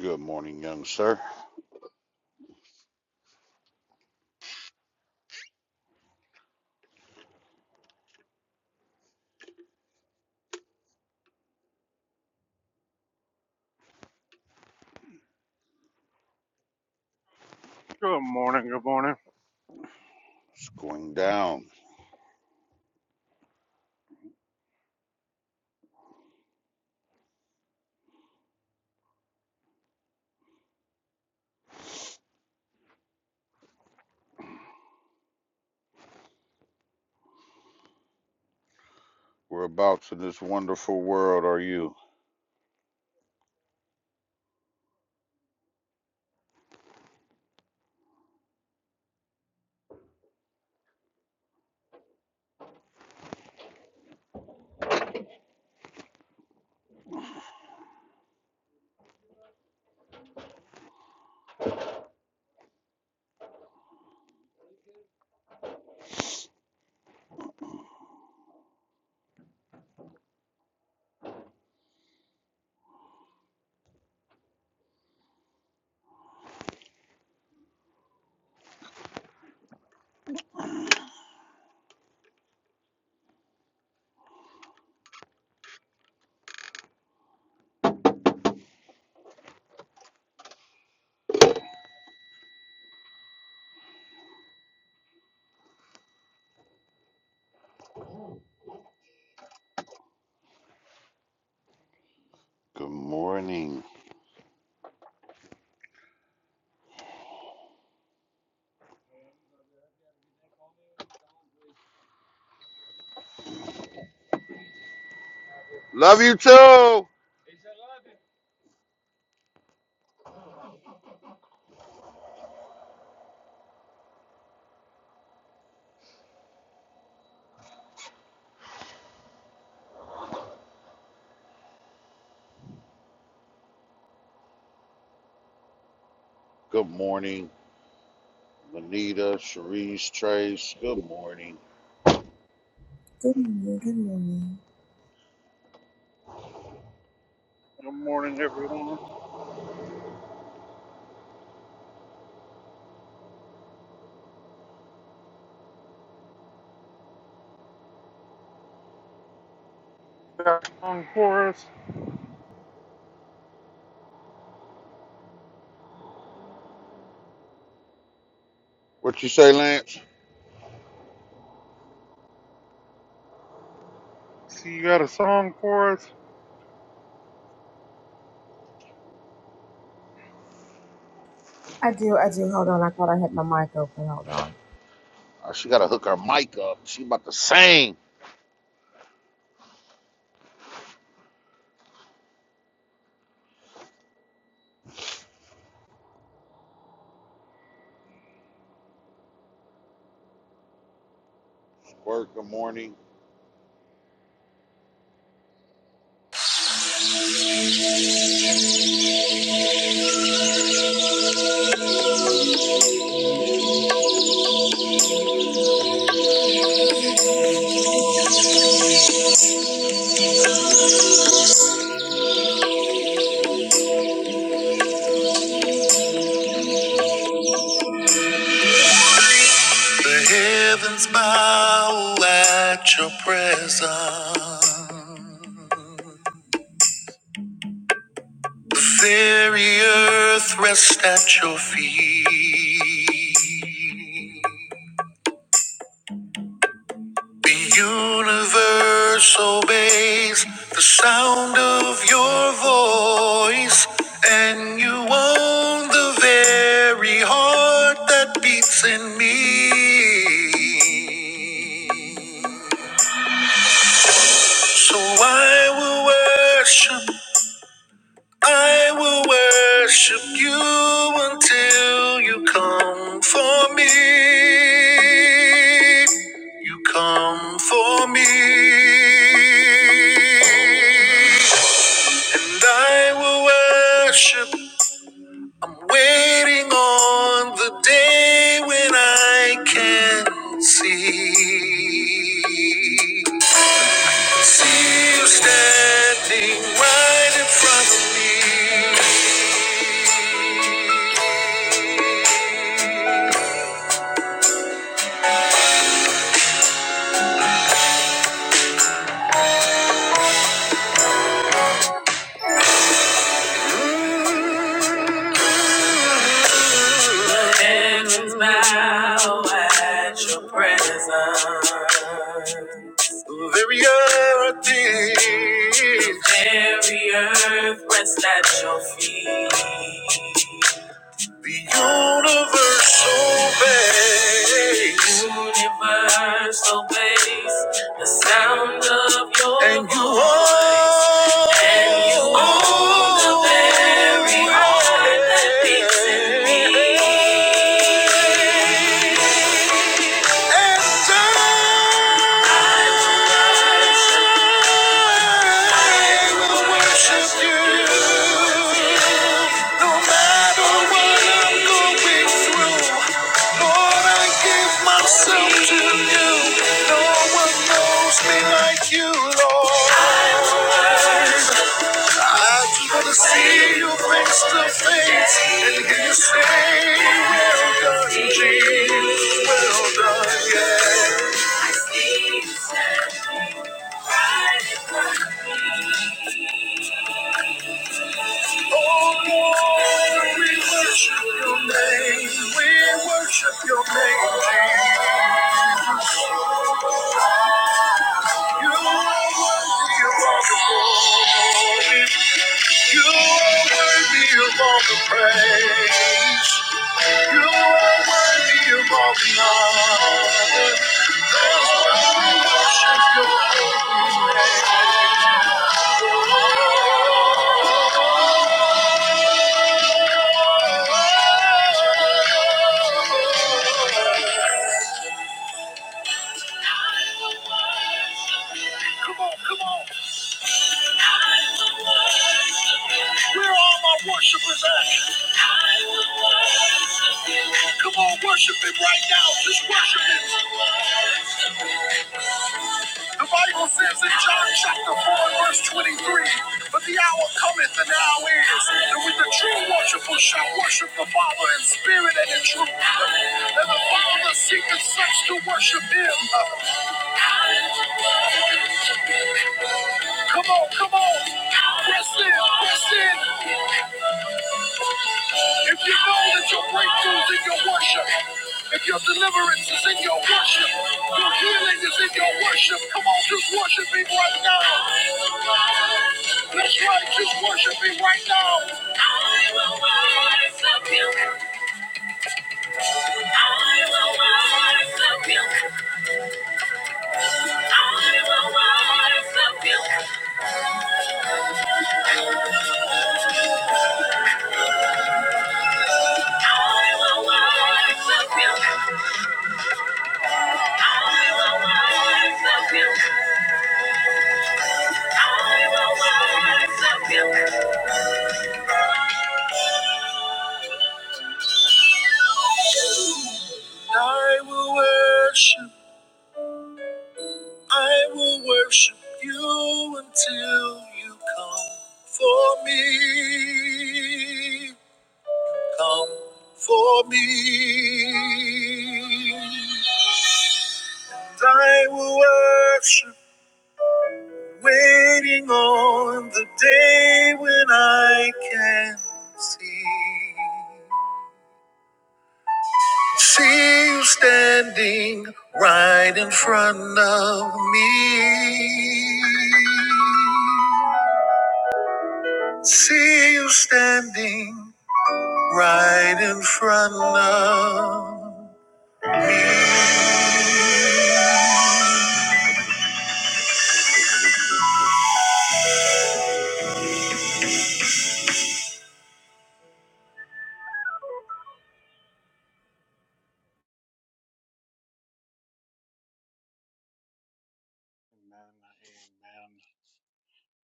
Good morning, young sir. Good morning, good morning. It's going down. Whereabouts in this wonderful world are you? Good morning. Love you too. Good morning, Lanita, Cherise, Trace. Good morning. Good morning. Good morning. Good morning, everyone. Got a song for us? What you say, Lance? See, you got a song for us? I do. I do. Hold on. I thought I had my mic open. Hold on. Oh, she got to hook her mic up. She about to sing. Word, good morning. The heavens bow at your presence. The very earth rests at your feet. The universe obeys the sound of your voice, and you own the very heart that beats in me. So I will worship. I will worship you until you come for me. You come for me. And I will worship I'm waiting on the day when I can see. See you standing right in front of me. Heavens bow at your presence. Very earth is. Very earth rests at your feet. The universe obeys. The Universe obeys the sound of your and you voice. Are And you are the very heart that beats in me. And I will worship you no matter what I'm going through. Lord, I give myself to you. No one knows me like you, Lord. I just want to see you face to face and hear you say, Well done, Jesus. Well done, yeah. Oh, Lord, we worship your name. We worship your name, Jesus. You are worthy of all the glory. You are worthy of all the praise. You are worthy of all the honor. That's why we worship your holy name. Come on, come on. Where are all my worshipers at? Come on, worship him right now. Just worship him. The Bible says in John chapter 4, verse 23, But the hour cometh and now is that when the true worshipers shall worship the Father in spirit and in truth. And the Father seeketh such to worship him. Come on, come on. Press in, press in. If you know that your breakthrough's in your worship, if your deliverance is in your worship, your healing is in your worship, come on, just worship me right now. That's right, just worship me right now. I will worship you. I will worship you. I will worship you. I will worship, I will worship you until you come for me. Come for me. I will worship. Waiting on the day when I can see. See you standing right in front of me. See you standing right in front of. Amen, amen.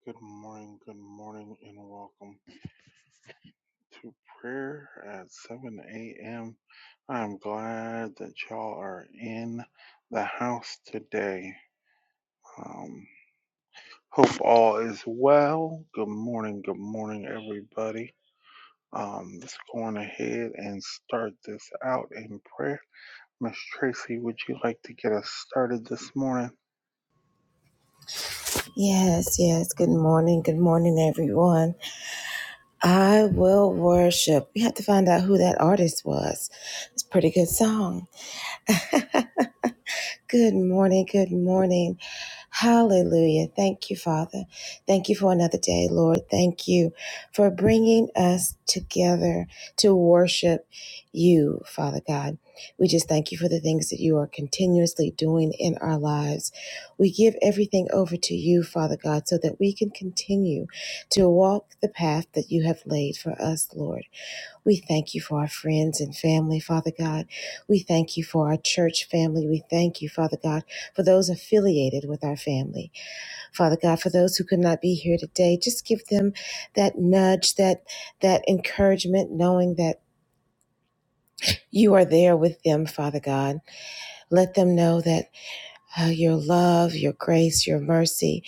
Good morning, good morning, and welcome to prayer at 7 a.m. I'm glad that y'all are in the house today. Um, hope all is well. Good morning, good morning, everybody. Um, let's go on ahead and start this out in prayer. Miss Tracy, would you like to get us started this morning? Yes, yes. Good morning. Good morning, everyone. I will worship. We have to find out who that artist was. It's a pretty good song. Good morning. Good morning. Hallelujah. Thank you, Father. Thank you for another day, Lord. Thank you for bringing us together to worship you, Father God. We just thank you for the things that you are continuously doing in our lives. We give everything over to you, Father God, so that we can continue to walk the path that you have laid for us, Lord. We thank you for our friends and family, Father God. We thank you for our church family. We thank you, Father God, for those affiliated with our family. Father God, for those who could not be here today, just give them that nudge, that that encouragement, knowing that you are there with them, Father God. Let them know that. Uh, your love, your grace, your mercy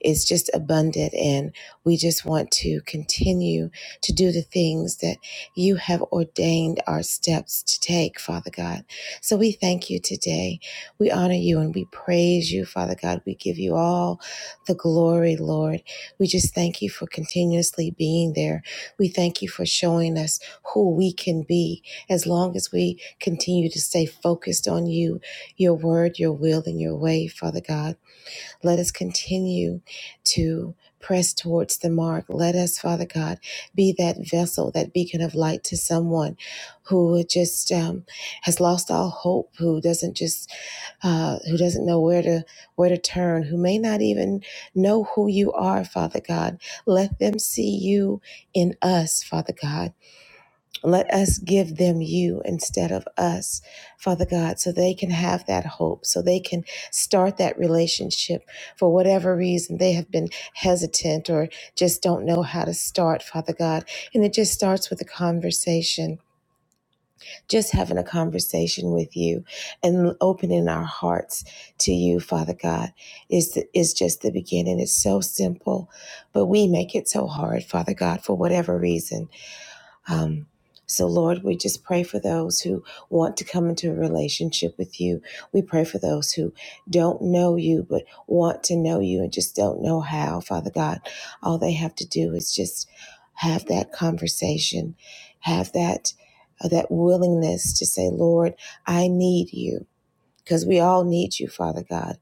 is just abundant. And we just want to continue to do the things that you have ordained our steps to take, Father God. So we thank you today. We honor you and we praise you, Father God. We give you all the glory, Lord. We just thank you for continuously being there. We thank you for showing us who we can be as long as we continue to stay focused on you your word, your will, and your way, Father God. Let us continue to press towards the mark. Let us, Father God, be that vessel, that beacon of light to someone who just um, has lost all hope, who doesn't just uh, who doesn't know where to where to turn, who may not even know who you are, Father God. Let them see you in us, Father God. Let us give them you instead of us, Father God, so they can have that hope, so they can start that relationship for whatever reason they have been hesitant or just don't know how to start, Father God. And it just starts with a conversation, just having a conversation with you and opening our hearts to you, Father God, is, is just the beginning. It's so simple, but we make it so hard, Father God, for whatever reason. Um, so, Lord, we just pray for those who want to come into a relationship with you. We pray for those who don't know you but want to know you and just don't know how, Father God. All they have to do is just have that conversation, have that uh, that willingness to say, "Lord, I need you." Because we all need you, Father God.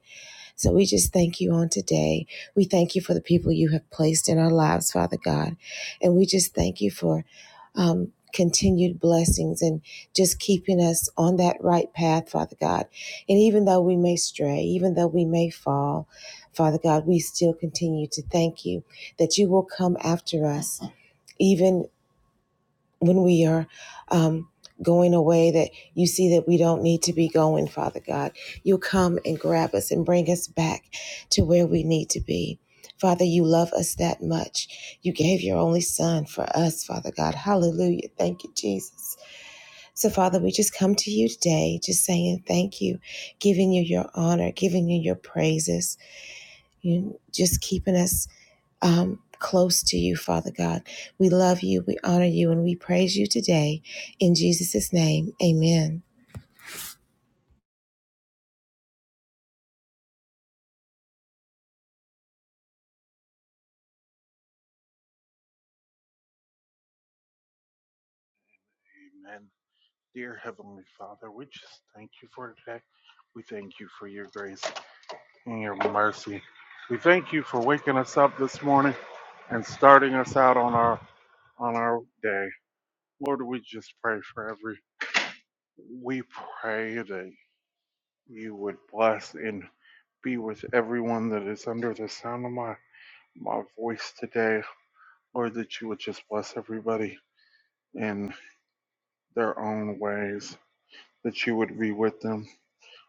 So we just thank you on today. We thank you for the people you have placed in our lives, Father God. And we just thank you for um, continued blessings and just keeping us on that right path, Father God. And even though we may stray, even though we may fall, Father God, we still continue to thank you that you will come after us. Even when we are um, going away that you see that we don't need to be going, Father God. You'll come and grab us and bring us back to where we need to be. Father, you love us that much. You gave your only son for us, Father God. Hallelujah. Thank you, Jesus. So, Father, we just come to you today, just saying thank you, giving you your honor, giving you your praises, you just keeping us um, close to you, Father God. We love you, we honor you, and we praise you today. In Jesus' name, amen. Amen. Dear Heavenly Father, we just thank you for today. We thank you for your grace and your mercy. We thank you for waking us up this morning and starting us out on our on our day. Lord, we just pray for every we pray that you would bless and be with everyone that is under the sound of my my voice today. Lord, that you would just bless everybody and. their own ways, that you would be with them.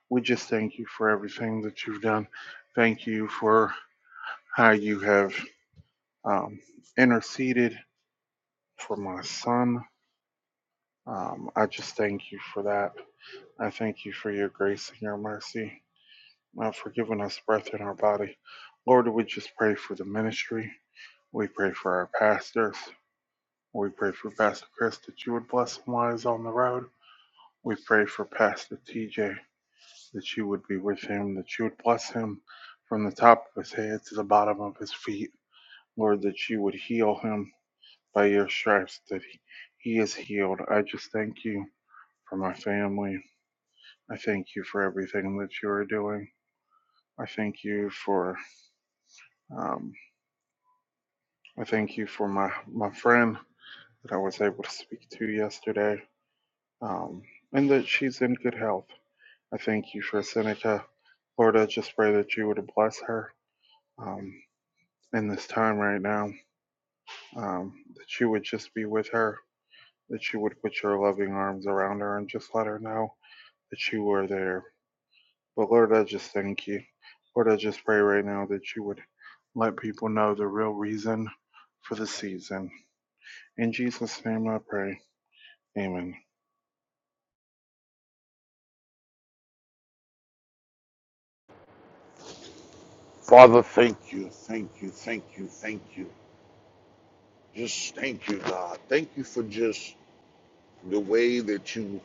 We just thank you for everything that you've done. Thank you for how you have um, interceded for my son. Um, I just thank you for that. I thank you for your grace and your mercy, uh, for giving us breath in our body. Lord, we just pray for the ministry. We pray for our pastors. We pray for Pastor Chris that you would bless him while he's on the road. We pray for Pastor TJ that you would be with him, that you would bless him from the top of his head to the bottom of his feet. Lord, that you would heal him by your stripes, that he, he is healed. I just thank you for my family. I thank you for everything that you are doing. I thank you for um, I thank you for my my friend that I was able to speak to yesterday, um, and that she's in good health. I thank you for Seneca, Lord. I just pray that you would bless her um, in this time right now. um, that you would just be with her, that you would put your loving arms around her and just let her know that you were there. But Lord, I just thank you. Lord, I just pray right now that you would let people know the real reason for the season. In Jesus' name I pray. Amen. Father, thank you, thank you, thank you, thank you. Just thank you, God. Thank you for just the way that you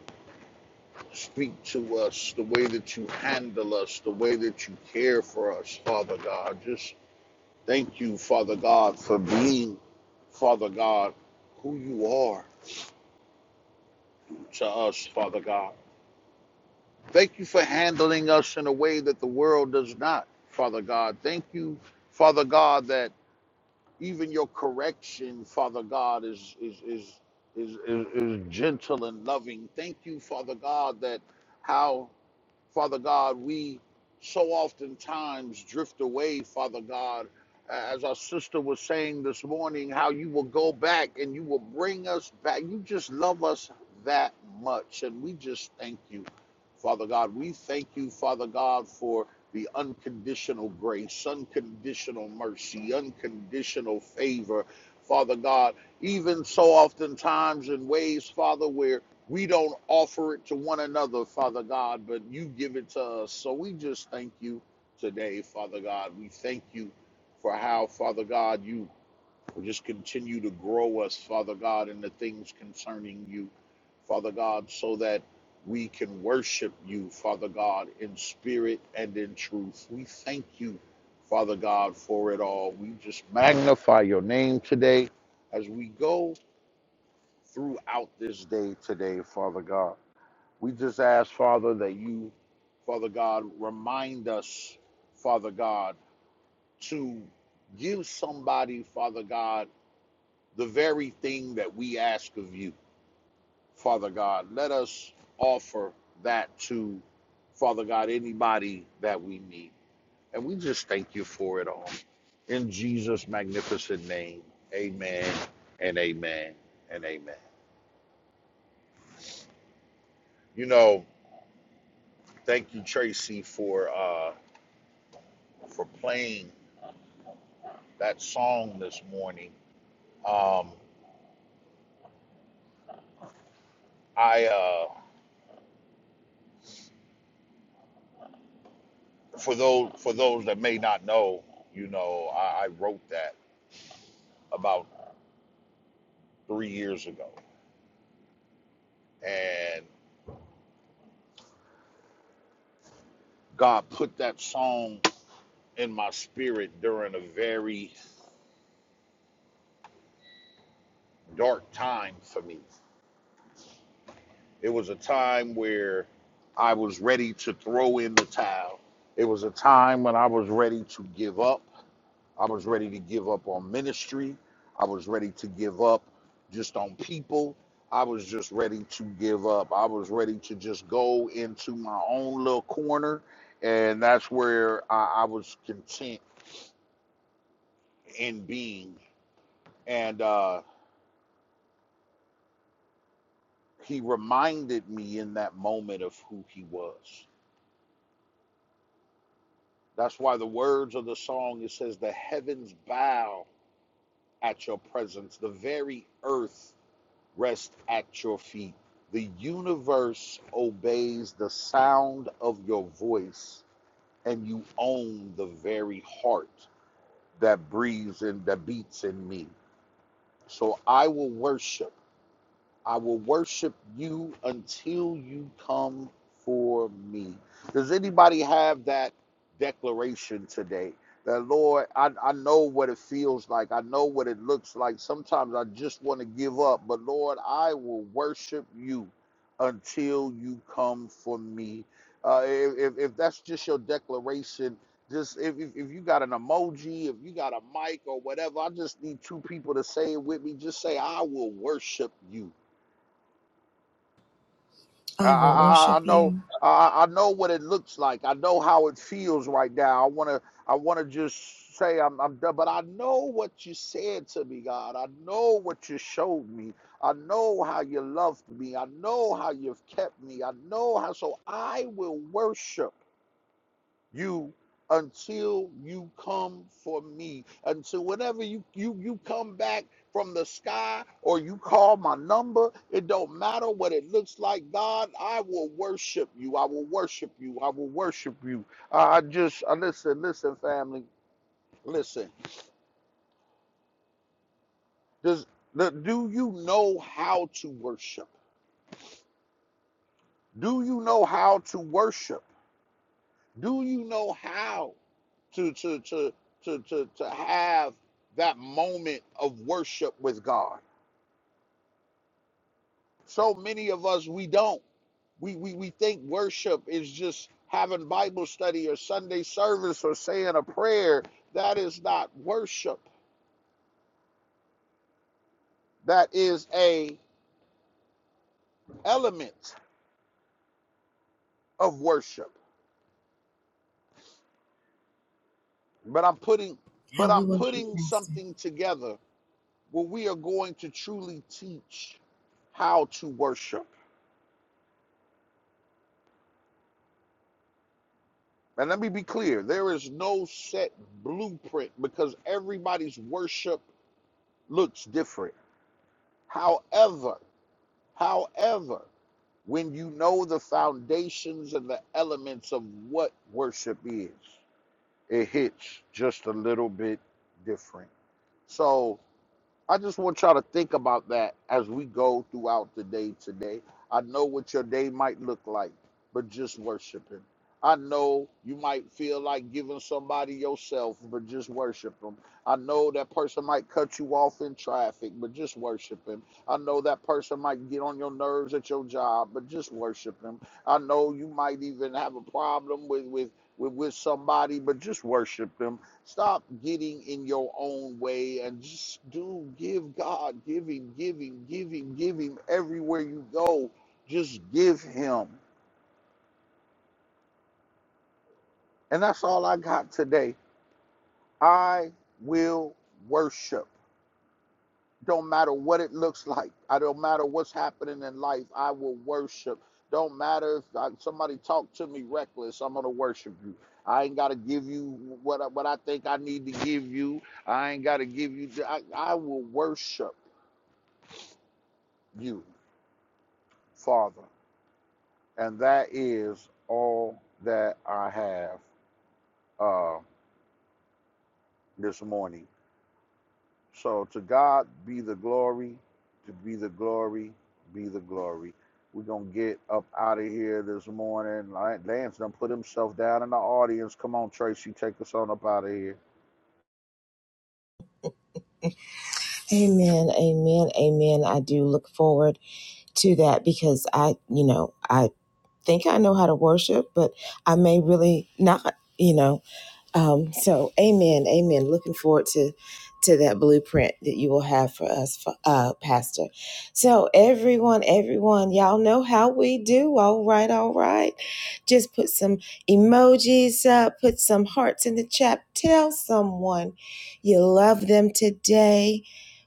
Speak to us, the way that you handle us, the way that you care for us, Father God. Just thank you, Father God, for being, Father God, who you are to us, Father God. Thank you for handling us in a way that the world does not, Father God. Thank you, Father God, that even your correction, Father God, is is is is, is, is gentle and loving. Thank you, Father God, that how Father God, we so oftentimes drift away, Father God, as our sister was saying this morning, how you will go back and you will bring us back. You just love us that much. And we just thank you, Father God. We thank you, Father God, for the unconditional grace, unconditional mercy, unconditional favor, Father God. Even so oftentimes in ways, Father, where we don't offer it to one another, Father God, but you give it to us. So we just thank you today, Father God. We thank you for how, Father God, you just continue to grow us, Father God, in the things concerning you, Father God, so that we can worship you, Father God, in spirit and in truth. We thank you, Father God, for it all. We just magnify your name today as we go throughout this day today, Father God. We just ask, Father, that you, Father God, remind us, Father God, to give somebody, Father God, the very thing that we ask of you, Father God. Let us offer that to, Father God, anybody that we meet. And we just thank you for it all. In Jesus' magnificent name, amen and amen and amen. You know, thank you, Tracy, for uh, for playing that song this morning. Um, I uh, for those for those that may not know, you know, I, I wrote that about three years ago, and God put that song in my spirit during a very dark time for me. It was a time where I was ready to throw in the towel. It was a time when I was ready to give up. I was ready to give up on ministry. I was ready to give up just on people. I was just ready to give up. I was ready to just go into my own little corner. And that's where I, I was content in being. And uh, he reminded me in that moment of who he was. That's why the words of the song it says, The heavens bow at your presence, the very earth rest at your feet. The universe obeys the sound of your voice, and you own the very heart that breathes and that beats in me. So I will worship I will worship you until you come for me. Does anybody have that declaration today? That Lord, I, I know what it feels like. I know what it looks like. Sometimes I just want to give up, but Lord, I will worship you until you come for me. Uh, if, if that's just your declaration, just if, if you got an emoji, if you got a mic or whatever, I just need two people to say it with me. Just say, I will worship you I, I, I will I worship know you. I I know what it looks like. I know how it feels right now. I wanna I wanna just say I'm I'm done, but I know what you said to me, God. I know what you showed me. I know how you loved me. I know how you've kept me. I know how so I will worship you until you come for me until whenever you you you come back from the sky or you call my number it don't matter what it looks like god i will worship you i will worship you i will worship you i just I listen listen family listen does do you know how to worship do you know how to worship do you know how to to to to to to have that moment of worship with God. So many of us we don't. We we we think worship is just having Bible study or Sunday service or saying a prayer. That is not worship. That is a element of worship. But I'm putting but How we I'm worship you, putting Master. something together where we are going to truly teach how to worship. And let me be clear there is no set blueprint because everybody's worship looks different. However, however, when you know the foundations and the elements of what worship is, it hits just a little bit different. So, I just want y'all to think about that as we go throughout the day today. I know what your day might look like, but just worship Him. I know you might feel like giving somebody yourself, but just worship Him. I know that person might cut you off in traffic, but just worship Him. I know that person might get on your nerves at your job, but just worship Him. I know you might even have a problem with with with, with somebody, but just worship Him. Stop getting in your own way and just do give God, give Him, give Him, give Him, give Him everywhere you go. Just give Him. And that's all I got today. I will worship. Don't matter what it looks like. I don't matter what's happening in life. I will worship. Don't matter if I, somebody talk to me reckless. I'm gonna worship you. I ain't gotta give you what I, what I think I need to give you. I ain't gotta give you. I, I will worship you. Father, and that is all that I have uh, this morning. So to God be the glory, to be the glory, be the glory. We're gonna get up out of here this morning. Like, Lance done put himself down in the audience. Come on, Tracy, take us on up out of here. Amen, amen, amen. I do look forward to that because I, you know, I think I know how to worship, but I may really not, you know. Um, so, amen, amen. Looking forward to to that blueprint that you will have for us, for, uh, Pastor. So, everyone, everyone, y'all know how we do. All right, all right. Just put some emojis up, put some hearts in the chat. Tell someone you love them today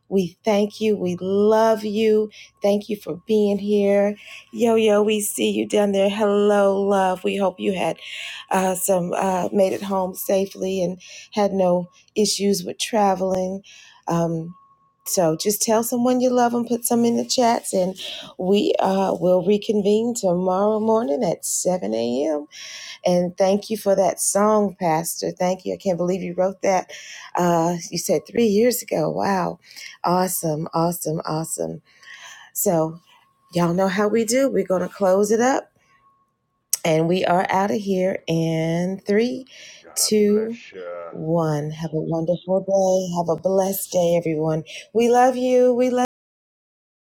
we thank you. We love you. Thank you for being here. Yo, yo, we see you down there. Hello, love. We hope you had uh, some, uh, made it home safely and had no issues with traveling. Um, so just tell someone you love them, put some in the chats, and we uh, will reconvene tomorrow morning at 7 a.m. And thank you for that song, Pastor. Thank you. I can't believe you wrote that. Uh, you said three years ago. Wow. Awesome, awesome, awesome. So, y'all know how we do. We're going to close it up. And we are out of here in three, God two, bless you. one. Have a wonderful day. Have a blessed day, everyone. We love you. We love